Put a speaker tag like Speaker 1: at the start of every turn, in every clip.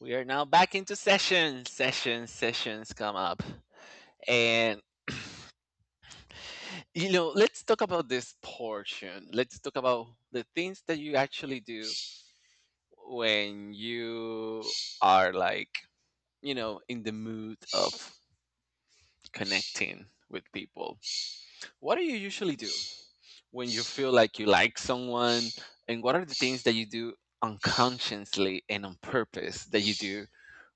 Speaker 1: We are now back into sessions. Sessions come up. And, let's talk about this portion. Let's talk about the things that you actually do when you are like, in the mood of connecting with people. What do you usually do when you feel like you like someone? And what are the things that you do unconsciously and on purpose that you do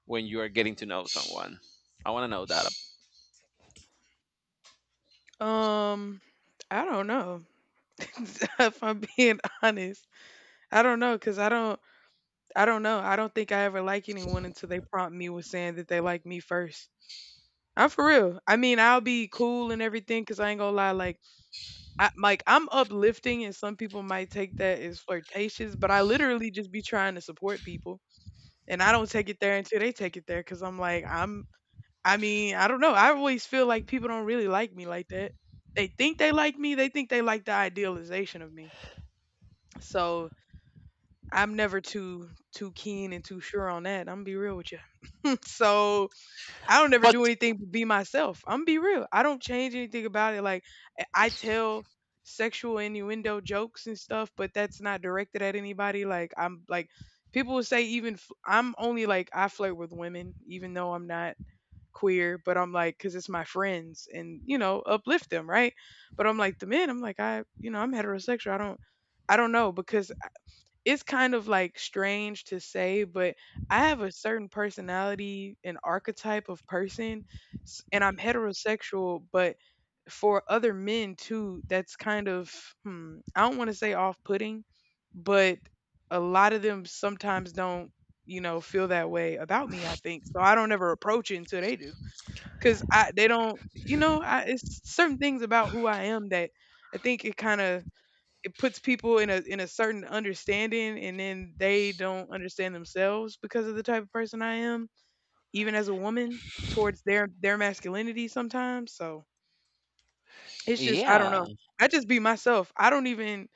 Speaker 1: when you are getting to know someone? I want to know that.
Speaker 2: Um, I don't know. If I'm being honest, I don't know because I don't know. I don't think I ever like anyone until they prompt me with saying that they like me first. I'm for real. I mean, I'll be cool and everything because I ain't gonna lie. Like, I'm uplifting, and some people might take that as flirtatious, but I literally just be trying to support people, and I don't take it there until they take it there because I mean, I don't know. I always feel like people don't really like me like that. They think they like me. They think they like the idealization of me. So I'm never too keen and too sure on that. I'm gonna be real with you. So I don't ever
Speaker 1: But
Speaker 2: do anything but be myself. I'm gonna be real. I don't change anything about it. Like I tell sexual innuendo jokes and stuff, but that's not directed at anybody. Like I'm like people will say even I'm only like I flirt with women, even though I'm not queer, but I'm like, because it's my friends and, you know, uplift them, right? But I'm like, the men, I'm like, I, you know, I'm heterosexual. I don't know because it's kind of like strange to say, but I have a certain personality and archetype of person, and I'm heterosexual, but for other men too, that's kind of, I don't want to say off putting, but a lot of them sometimes don't, you know, feel that way about me, I think. So I don't ever approach it until they do. 'Cause I they don't you know, I it's certain things about who I am that I think it kinda it puts people in a certain understanding, and then they don't understand themselves because of the type of person I am, even as a woman, towards their masculinity sometimes, so it's just I don't
Speaker 1: Yeah.
Speaker 2: know. I just be myself. I don't even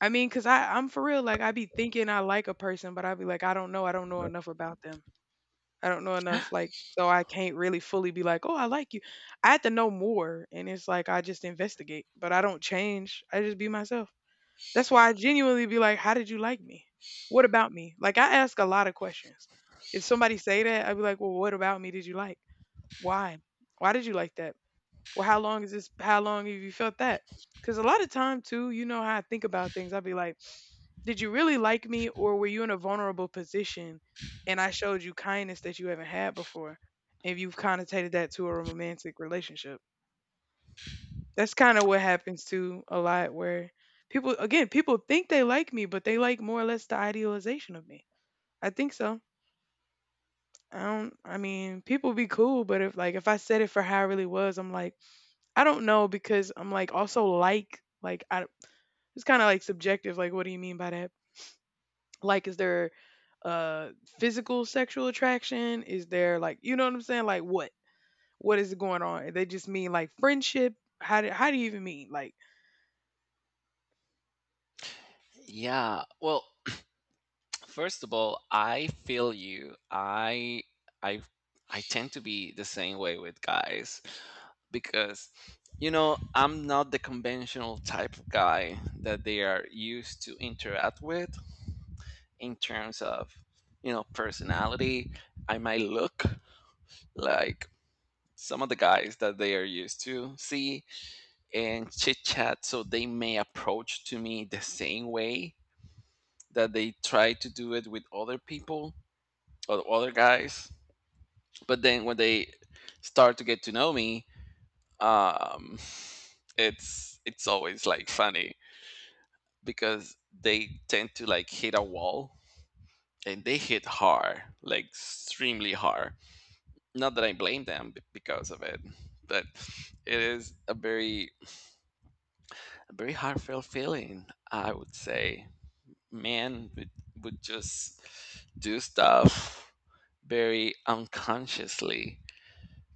Speaker 2: I mean, cause I'm for real, like, I be thinking I like a person, but I be like, I don't know enough about them." I don't know enough, like, so I can't really fully be like, "Oh, I like you." I have to know more, and it's like I just investigate, but I don't change. I just be myself. That's why I genuinely be like, "How did you like me? What about me?" Like, I ask a lot of questions. If somebody say that, I'd be like, "Well, what about me did you like? Why? Why did you like that? Well, how long is this? How long have you felt that?" Because a lot of time too, you know how I think about things. I'd be like, did you really like me, or were you in a vulnerable position, and I showed you kindness that you haven't had before, if you've connotated that to a romantic relationship? That's kind of what happens too a lot, where people think they like me, but they like more or less the idealization of me. I think so. I don't. I mean, people be cool, but if like if I said it for how I really was, I'm like. I don't know because I'm like also like I it's kind of like subjective. Like, what do you mean by that? Like, is there uh physical sexual attraction? Is there like you know what I'm saying? Like, what is going on? They just mean like friendship. How do you even mean like?
Speaker 1: Yeah. Well, first of all, I feel you. I I tend to be the same way with guys because I'm not the conventional type of guy that they are used to interact with in terms of, personality. I might look like some of the guys that they are used to see and chit chat, so they may approach to me the same way that they try to do it with other people of other guys. But then when they start to get to know me, um, it's always like funny because they tend to like hit a wall, and they hit hard, like extremely hard. Not that I blame them because of it, but it is a very heartfelt feeling. I would say men would just do stuff very unconsciously,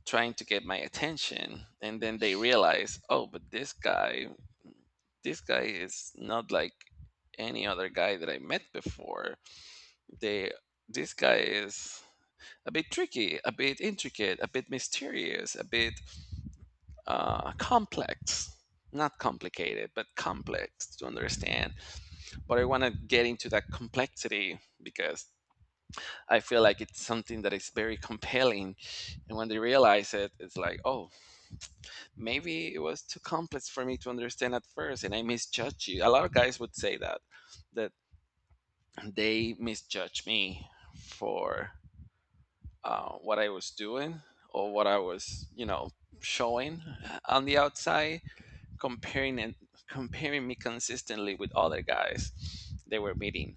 Speaker 1: trying to get my attention, and then they realize, oh, but this guy is not like any other guy that I met before. They This guy is a bit tricky, a bit intricate, a bit mysterious, a bit complex, not complicated but complex to understand. But I want to get into that complexity because I feel like it's something that is very compelling, and when they realize it, it's like, oh, maybe it was too complex for me to understand at first, and I misjudged you. A lot of guys would say that, that they misjudged me for what I was doing or what I was, showing on the outside, comparing and comparing me consistently with other guys they were meeting.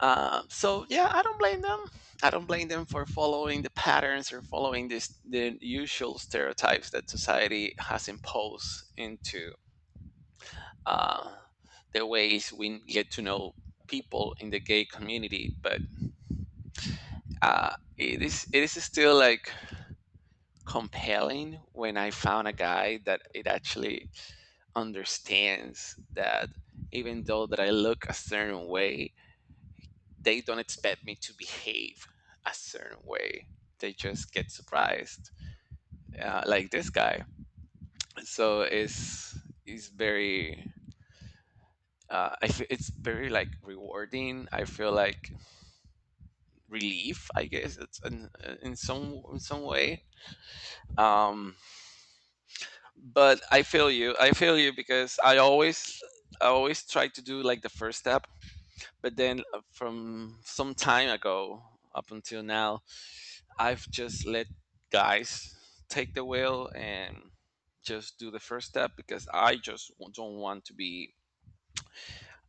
Speaker 1: So yeah, I don't blame them. I don't blame them for following the patterns, or following this the usual stereotypes that society has imposed into, uh, the ways we get to know people in the gay community. But it is still like compelling when I found a guy that it actually understands that, even though that I look a certain way, they don't expect me to behave a certain way. They just get surprised, like this guy. So it's very it's very like rewarding. I feel like relief, I guess, it's in some way. um but I feel you because I always try to do like the first step. But then from some time ago up until now, I've just let guys take the wheel and just do the first step because I just don't want to be,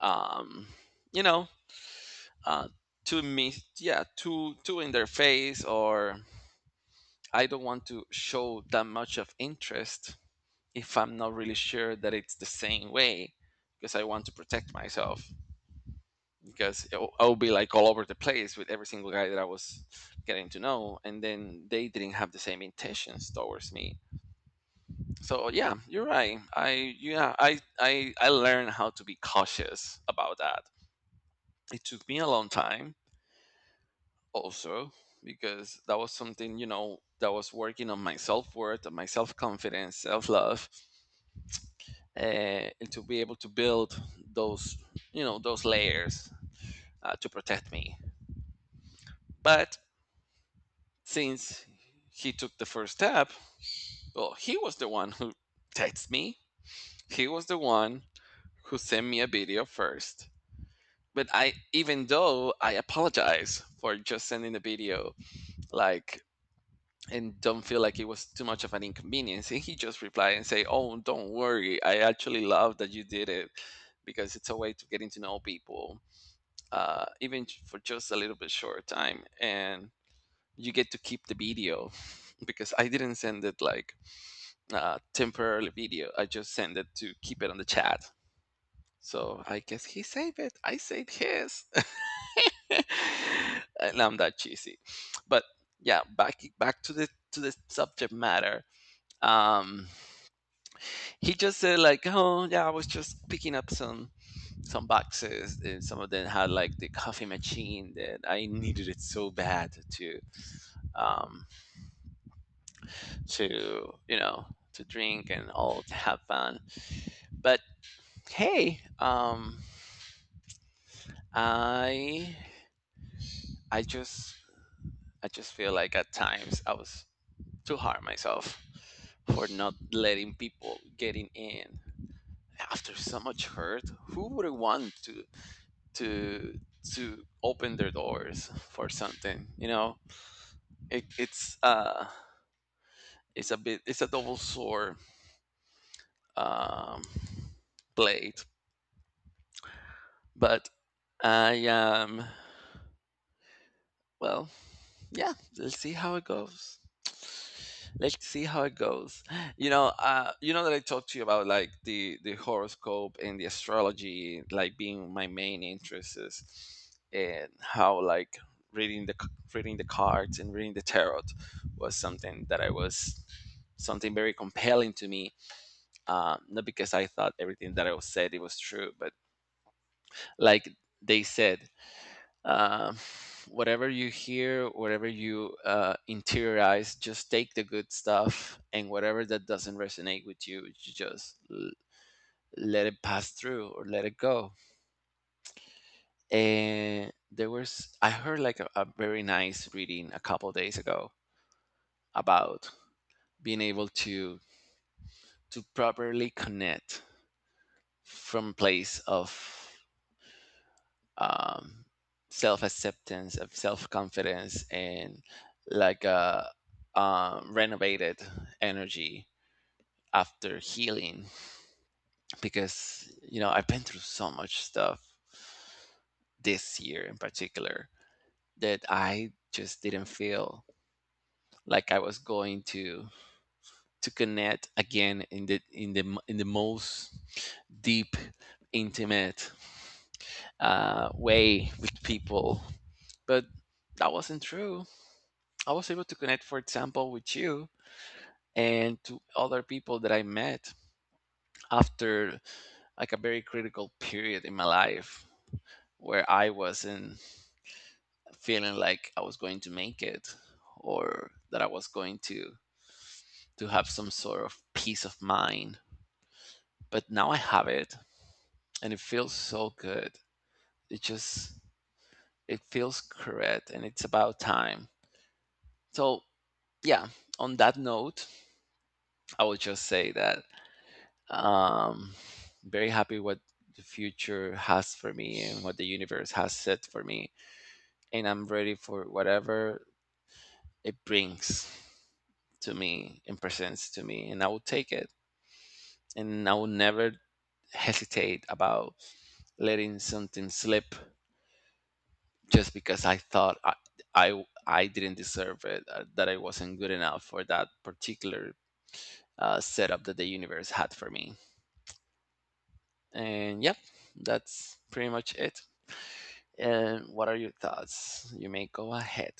Speaker 1: um you know uh too me yeah, too in their face, or I don't want to show that much of interest if I'm not really sure that it's the same way, because I want to protect myself, because I'll be like all over the place with every single guy that I was getting to know, and then they didn't have the same intentions towards me. So yeah, you're right. I yeah, I learned how to be cautious about that. It took me a long time also because that was something, that was working on my self-worth and my self-confidence, self-love, uh, and to be able to build those you know those layers, to protect me. But since he took the first step, well, he was the one who texted me. He was the one who sent me a video first. But I, even though I apologize for just sending the video, like, and don't feel like it was too much of an inconvenience, and he just replied and say, oh, don't worry, I actually love that you did it, because it's a way to getting to know people, even for just a little bit short time, and you get to keep the video. Because I didn't send it like temporarily video. I just sent it to keep it on the chat, so I guess he saved it. I saved his. And I'm that cheesy. But yeah, back to the subject matter. um he just said like, oh yeah, I was just picking up some, boxes, and some of them had like the coffee machine that I needed it so bad to, um, to you know to drink and all, to have fun. But hey, I I just I just feel like at times I was too hard on myself for not letting people getting in after so much hurt. Who wouldn't want to to open their doors for something? You know, it, it's a bit it's a double sword, um, blade. But, I well, yeah, let's see how it goes. Let's see how it goes. You know that I talked to you about like the horoscope and the astrology, like being my main interests, and how like reading the cards and reading the tarot was something that I was something very compelling to me. Not because I thought everything that I was said it was true, but like they said, uh, whatever you hear, whatever you interiorize, just take the good stuff, and whatever that doesn't resonate with you, you just let it pass through or let it go. And I heard like a very nice reading a couple days ago about being able to properly connect from a place of um, self acceptance, of self confidence, and like a renovated energy after healing. Because, I've been through so much stuff this year in particular that I just didn't feel like I was going to connect again in the in the most deep, intimate, way with people, but that wasn't true. I was able to connect, for example, with you and to other people that I met after like a very critical period in my life where I wasn't feeling like I was going to make it or that I was going to have some sort of peace of mind. But now I have it, and it feels so good. It just it feels correct, and it's about time. So yeah, on that note, I would just say that, Um, very happy what the future has for me and what the universe has set for me, and I'm ready for whatever it brings to me and presents to me, and I will take it, and I will never hesitate about letting something slip just because I thought I didn't deserve it, that I wasn't good enough for that particular setup that the universe had for me. And yep, that's pretty much it. And what are your thoughts? You may go ahead.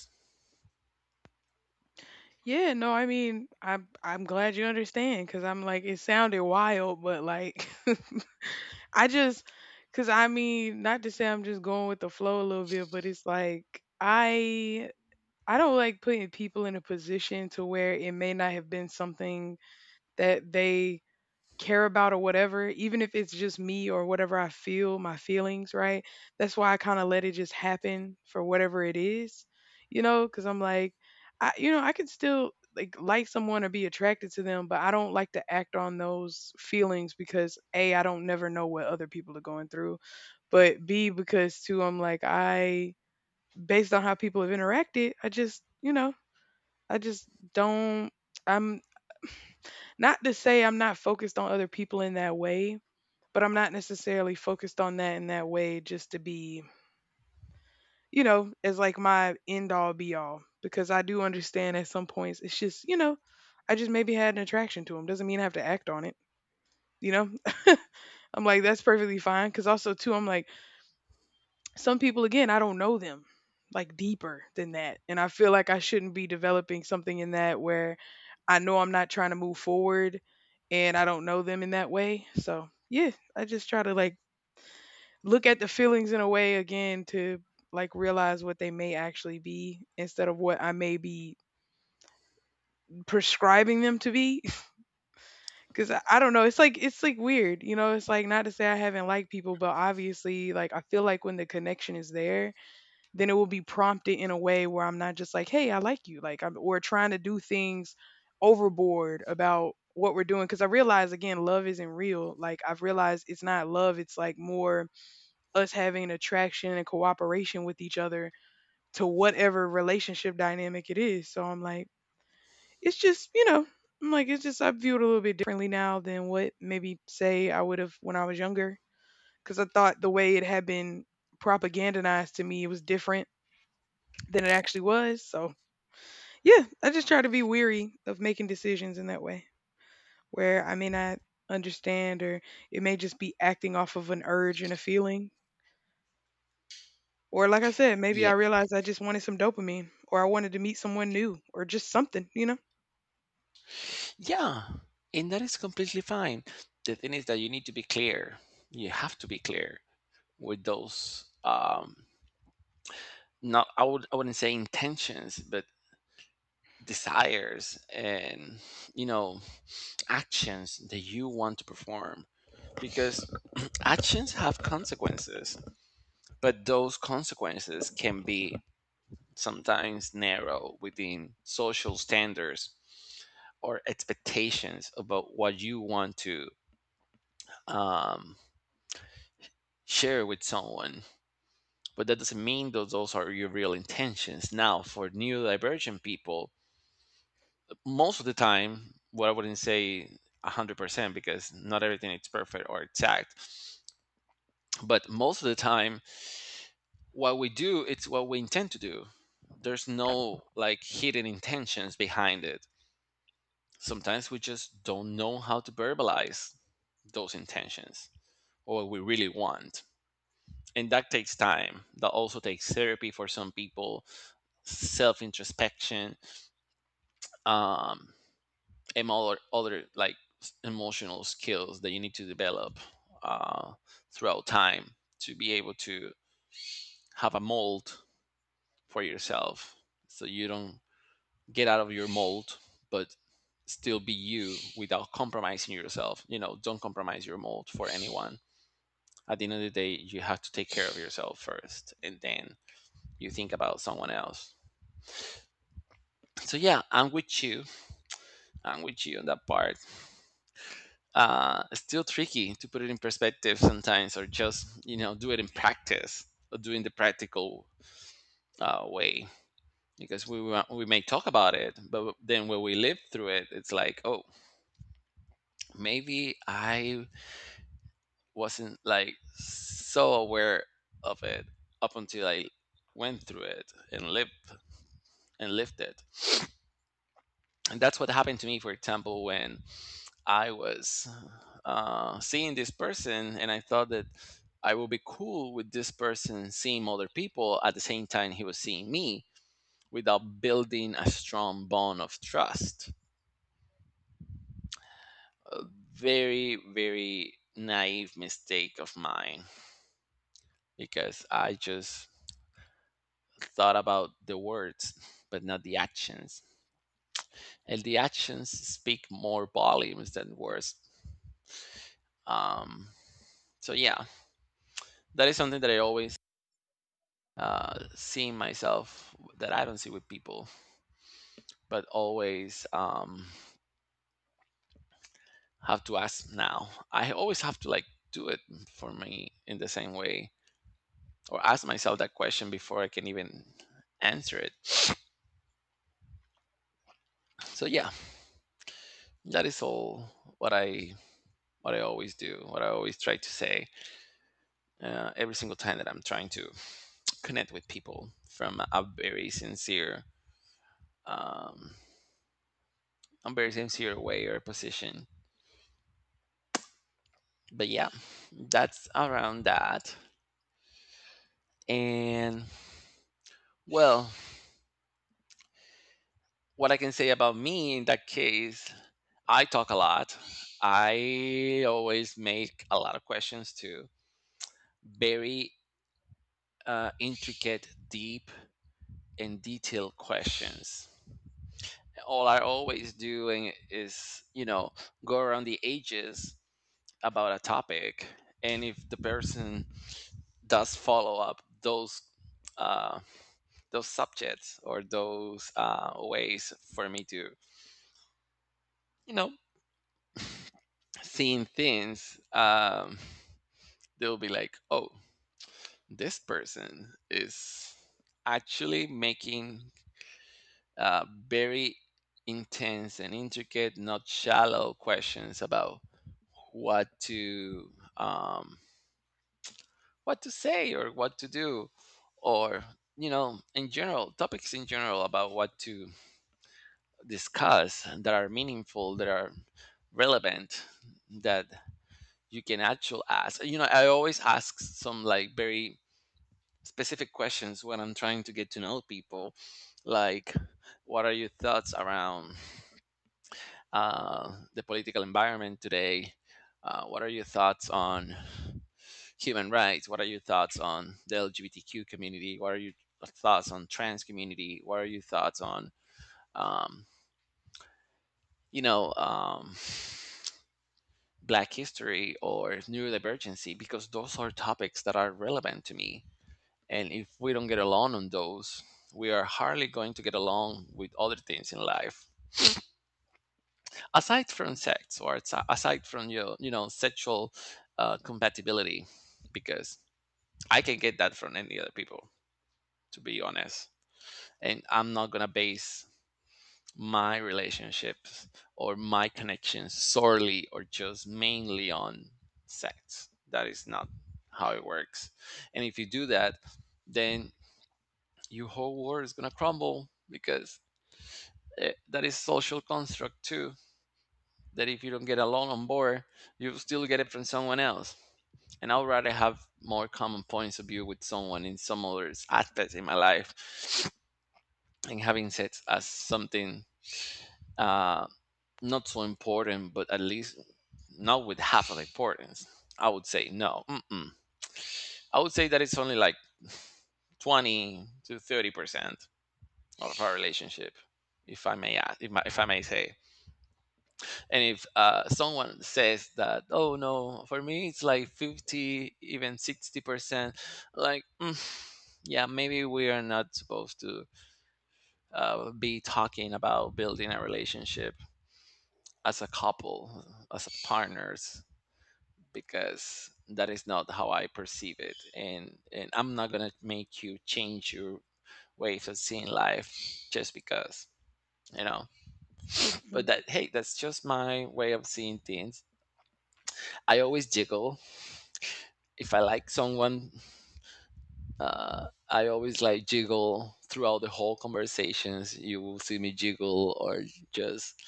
Speaker 2: Yeah, no, I mean I'm glad you understand because I'm like it sounded wild, but like I just because I mean not to say I'm just going with the flow a little bit, but it's like. I I don't like putting people in a position to where it may not have been something that they care about or whatever, even if it's just me or whatever I feel, my feelings, right? That's why I kind of let it just happen for whatever it is, you know, because I'm like, I, you know, I could still like someone or be attracted to them, but I don't like to act on those feelings because A, I don't never know what other people are going through, but B, because too, I'm like, I, based on how people have interacted, I just, you know, I just don't I'm not to say I'm not focused on other people in that way, but I'm not necessarily focused on that in that way just to be, you know, as like my end all be all because I do understand at some points it's just, you know, I just maybe had an attraction to him. Doesn't mean I have to act on it, you know? I'm like that's perfectly fine cuz also too I'm like some people again I don't know them like deeper than that and I feel like I shouldn't be developing something in that where I know I'm not trying to move forward and I don't know them in that way, so yeah, I just try to like look at the feelings in a way again to like realize what they may actually be instead of what I may be prescribing them to be. Because I don't know, it's like weird, you know, it's like not to say I haven't liked people, but obviously like I feel like when the connection is there then it will be prompted in a way where I'm not just like, hey, I like you. Like, I'm, or trying to do things overboard about what we're doing. Cause I realize, again, love isn't real. Like, I've realized it's not love. It's like more us having an attraction and cooperation with each other to whatever relationship dynamic it is. So I'm like, it's just, you know, I'm like, it's just, I view it a little bit differently now than what maybe say I would have when I was younger. Cause I thought the way it had been propagandized to me, it was different than it actually was. So yeah, I just try to be weary of making decisions in that way where I may not understand or it may just be acting off of an urge and a feeling. Or like I said, maybe
Speaker 1: Yeah.
Speaker 2: I realized I just wanted some dopamine or I wanted to meet someone new or just something, you know?
Speaker 1: Yeah. And that is completely fine. The thing is that you need to be clear. You have to be clear with those, not, I wouldn't say intentions, but desires, and, you know actions that you want to perform, because actions have consequences, but those consequences can be sometimes narrow within social standards or expectations about what you want to, um, share with someone. But that doesn't mean that those are your real intentions. Now, for neurodivergent people, most of the time, what I wouldn't say 100% because not everything is perfect or exact, but most of the time, what we do, it's what we intend to do. There's no like hidden intentions behind it. Sometimes we just don't know how to verbalize those intentions or what we really want. And that takes time. That also takes therapy for some people, self introspection, um and all other like emotional skills that you need to develop uh throughout time, to be able to have a mold for yourself so you don't get out of your mold, but still be you without compromising yourself. Don't compromise your mold for anyone. At the end of the day, you have to take care of yourself first, and then you think about someone else. So yeah, I'm with you. I'm with you on that part. It's still tricky to put it in perspective sometimes, or just, do it in practice, or doing the practical way. We may talk about it, but then when we live through it, it's like, oh, maybe I wasn't like so aware of it up until I went through it and lived it. And that's what happened to me, for example, when I was seeing this person, and I thought that I would be cool with this person seeing other people at the same time he was seeing me without building a strong bond of trust. Very, very naive mistake of mine because I just thought about the words but not the actions. And the actions speak more volumes than words. Um, so, yeah, that is something that I always seeing myself that I don't see with people, but always have to ask now. I always have to like do it for me in the same way or ask myself that question before I can even answer it. So yeah, that is all what I what I always do, what I always try to say every single time that I'm trying to connect with people from um, a very sincere way or position. But yeah, that's around that. And well, what I can say about me in that case, I talk a lot. I always make a lot of questions too, very intricate, deep, and detailed questions. All I always doing is, you know, go around the edges about a topic, and if the person does follow up uh, those subjects or those ways for me to you know seeing things, they'll be like, oh, this person is actually making very intense and intricate, not shallow questions about what to um, what to say or what to do, or you know, in general, topics in general about what to discuss that are meaningful, that are relevant, that you can actually ask. You know, I always ask some like very specific questions when I'm trying to get to know people, like what are your thoughts around the political environment today? What are your thoughts on human rights? What are your thoughts on the LGBTQ community? What are your thoughts on trans community? What are your thoughts on um, you know um, Black history or neurodivergency? Because those are topics that are relevant to me. And if we don't get along on those, we are hardly going to get along with other things in life. Aside from sex or aside from your, you know, sexual compatibility, because I can get that from any other people, to be honest. And I'm not going to base my relationships or my connections solely or just mainly on sex. That is not how it works. And if you do that, then your whole world is going to crumble because that is social construct too, that if you don't get along on board, you still get it from someone else, and I'd rather have more common points of view with someone in some other aspects in my life and having sex as something uh, not so important, but at least not with half of importance. I would say no. Mm-mm. I would say that it's only like 20 to 30% of our relationship, if I may ask, if, my, if I may say. And if someone says that, oh no, for me it's like 50, even 60%, like, yeah, maybe we are not supposed to be talking about building a relationship as a couple, as a partners, because that is not how I perceive it. And I'm not gonna make you change your ways of seeing life just because you know. But
Speaker 2: Mhm.
Speaker 1: that, hey, that's just my way of seeing things. I always jiggle if I like someone. I always like jiggle throughout the whole conversations. You will see me jiggle or just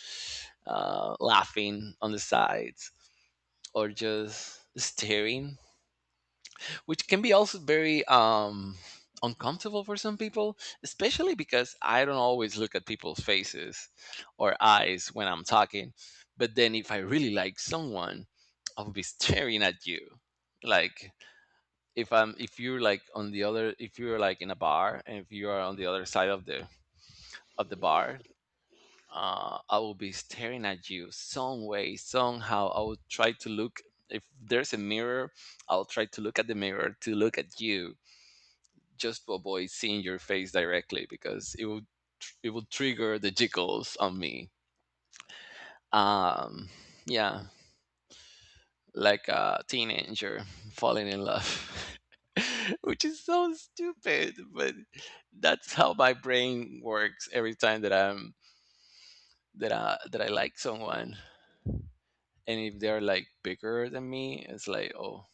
Speaker 1: laughing on the sides or just staring, which can be also very uncomfortable for some people, especially because I don't always look at people's faces or eyes when I'm talking. But then if I really like someone, I'll be staring at you, like if you're like on the other, if you're like in a bar and if you are on the other side of the bar, I will be staring at you some way, somehow I will try to look. If there's a mirror, I'll try to look at the mirror to look at you, just to avoid seeing your face directly because it will it will trigger the jiggles on me. um yeah, like a teenager falling in love, which is so stupid, but that's how my brain works every time that I'm that I like someone. And if they're like bigger than me, it's like, oh,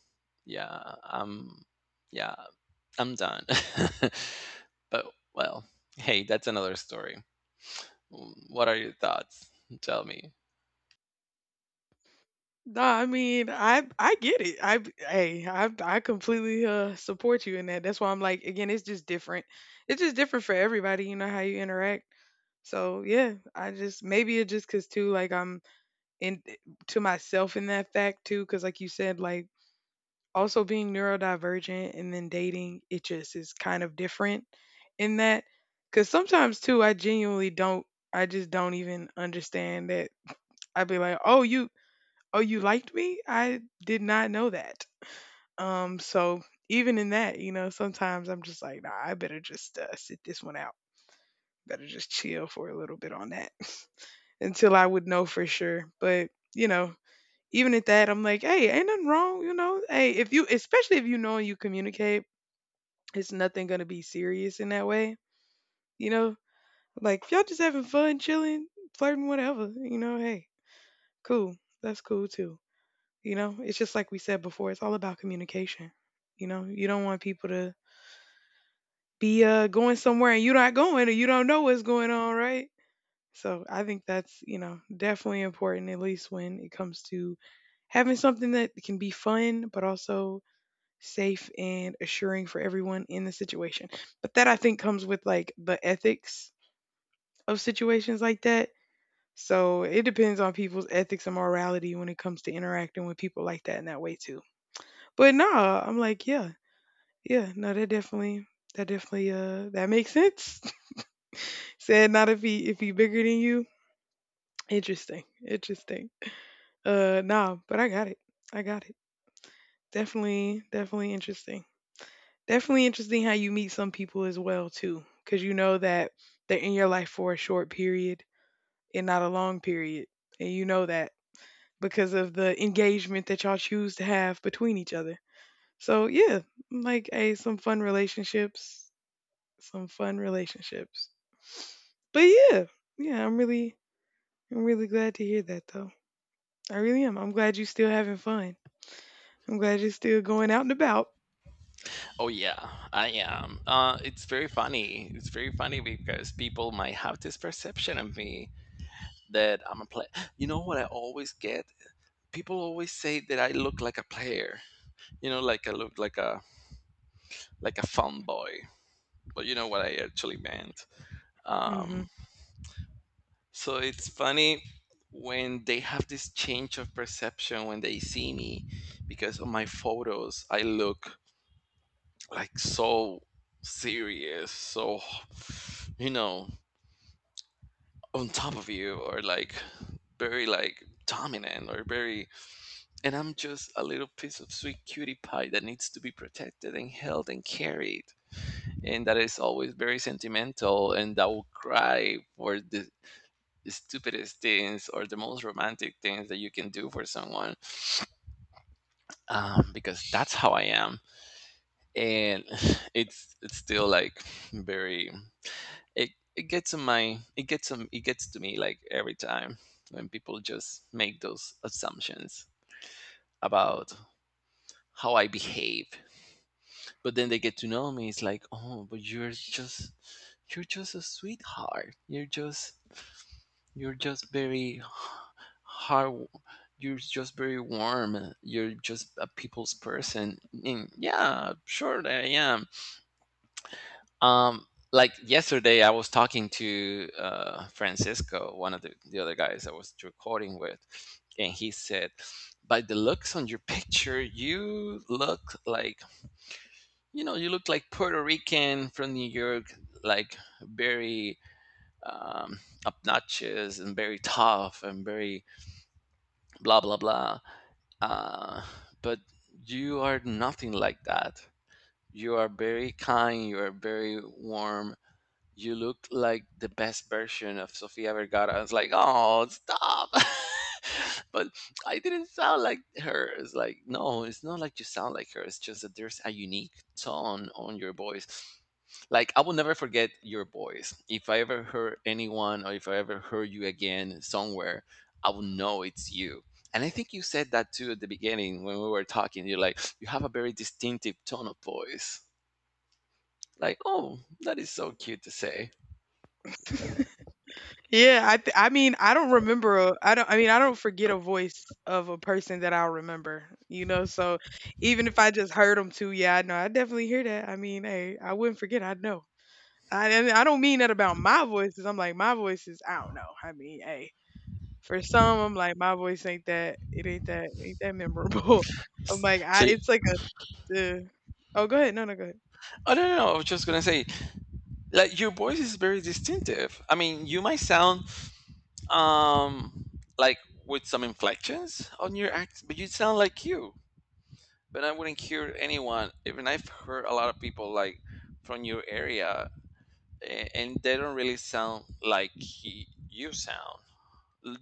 Speaker 1: yeah, I'm yeah, I'm done. But, well, hey, that's another story. What are your thoughts? Tell me.
Speaker 2: No, I mean, I get it. I hey, I completely support you in that. That's why I'm like again, it's just different. It's just different for everybody, you know how you interact. So, yeah, I just maybe it just 'cause too like I'm and to myself in that fact too because like you said like also being neurodivergent and then dating it just is kind of different in that because sometimes too I genuinely don't I just don't even understand that. I'd be like, oh you liked me, I did not know that. So even in that you know sometimes I'm just like, nah, I better just sit this one out, better just chill for a little bit on that until I would know for sure, but you know, even at that, I'm like, hey, ain't nothing wrong, you know. Hey, if you, especially if you know and you communicate, it's nothing gonna be serious in that way, you know. Like if y'all just having fun, chilling, flirting, whatever, you know. Hey, cool, that's cool too, you know. It's just like we said before, it's all about communication, you know. You don't want people to be going somewhere and you're not going, or you don't know what's going on, right? So I think that's you know definitely important, at least when it comes to having something that can be fun, but also safe and assuring for everyone in the situation. But that I think comes with like the ethics of situations like that. So it depends on people's ethics and morality when it comes to interacting with people like that in that way too. But no, I'm like, yeah, yeah, no, that definitely that definitely that makes sense. Said not if he if he bigger than you. Interesting. Interesting. Nah, but I got it. I got it. Definitely, definitely interesting. Definitely interesting how you meet some people as well too, cause you know that they're in your life for a short period and not a long period, and you know that because of the engagement that y'all choose to have between each other. So yeah, like, hey, some fun relationships, some fun relationships. But yeah, yeah, I'm really glad to hear that though. I really am. I'm glad you're still having fun. I'm glad you're still going out and about.
Speaker 1: Oh yeah, I am. It's very funny. It's very funny because people might have this perception of me that I'm a player. You know what I always get? People always say that I look like a player. You know, like I look like a fun boy. But you know what I actually meant. Um,
Speaker 2: Mhm.
Speaker 1: so it's funny when they have this change of perception when they see me, because on my photos I look like so serious, so, you know, on top of you, or like very like dominant or very, and I'm just a little piece of sweet cutie pie that needs to be protected and held and carried, and that is always very sentimental and that will cry for the stupidest things or the most romantic things that you can do for someone, because that's how I am. And it's still like very, it it gets on it gets to me like every time when people just make those assumptions about how I behave. But then they get to know me. It's like, oh, but you're just a sweetheart. You're just very hard. You're just very warm. You're just a people's person. And yeah, sure, I am. Um, like yesterday, I was talking to Francisco, one of the other guys I was recording with, and he said, "By the looks on your picture, you look like, you know, you look like Puerto Rican from New York, like very um, obnoxious and very tough and very blah blah blah." Uh, but you are nothing like that. You are very kind. You are very warm. You looked like the best version of Sofia Vergara. I was like, oh, stop. But I didn't sound like her. It's like, no, it's not like you sound like her. It's just that there's a unique tone on your voice. Like, I will never forget your voice. If I ever heard anyone, or if I ever heard you again somewhere, I will know it's you. And I think you said that too at the beginning when we were talking. You're like, you have a very distinctive tone of voice. Like, oh, that is so cute to say.
Speaker 2: Yeah, I mean, I don't I mean, I don't forget a voice of a person that I'll remember, you know? So, even if I just heard them too, yeah, I know, I definitely hear that. I mean, hey, I wouldn't forget, I'd know. I and I don't mean that about my voices, I'm like, my voices, I don't know. I mean, hey, for some, I'm like, my voice ain't that it ain't that memorable. I'm like,
Speaker 1: So,
Speaker 2: I
Speaker 1: you—
Speaker 2: it's like a oh, go ahead. No, no, go ahead.
Speaker 1: I don't know. I was just gonna say, like your voice is very distinctive. I mean, you might sound um like with some inflections on your accent, but you sound like you. But I wouldn't hear anyone. Even I've heard a lot of people like from your area, and they don't really sound like he, you sound.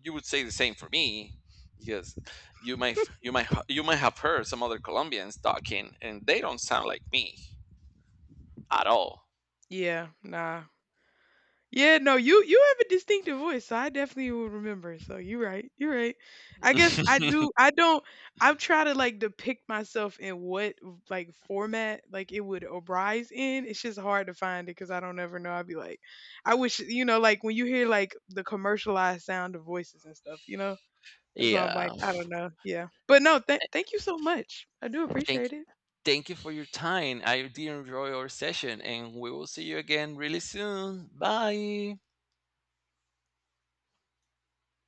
Speaker 1: You would say the same for me, because you might have heard some other Colombians talking, and they don't sound like me at all.
Speaker 2: Yeah, nah. Yeah, no, you have a distinctive voice, so I definitely will remember. So you're right, you're right. I guess I do. I don't. I try to like depict myself in what like format like it would arise in. It's just hard to find it because I don't ever know. I'd be like, I wish you know, like when you hear like the commercialized sound of voices and stuff, you know. That's why I'm
Speaker 1: Yeah.
Speaker 2: like, I don't know. Yeah, but no, thank you so much. I do
Speaker 1: Thank
Speaker 2: appreciate it.
Speaker 1: Thank you for your time. I did enjoy our session and we will see you again really soon. Bye.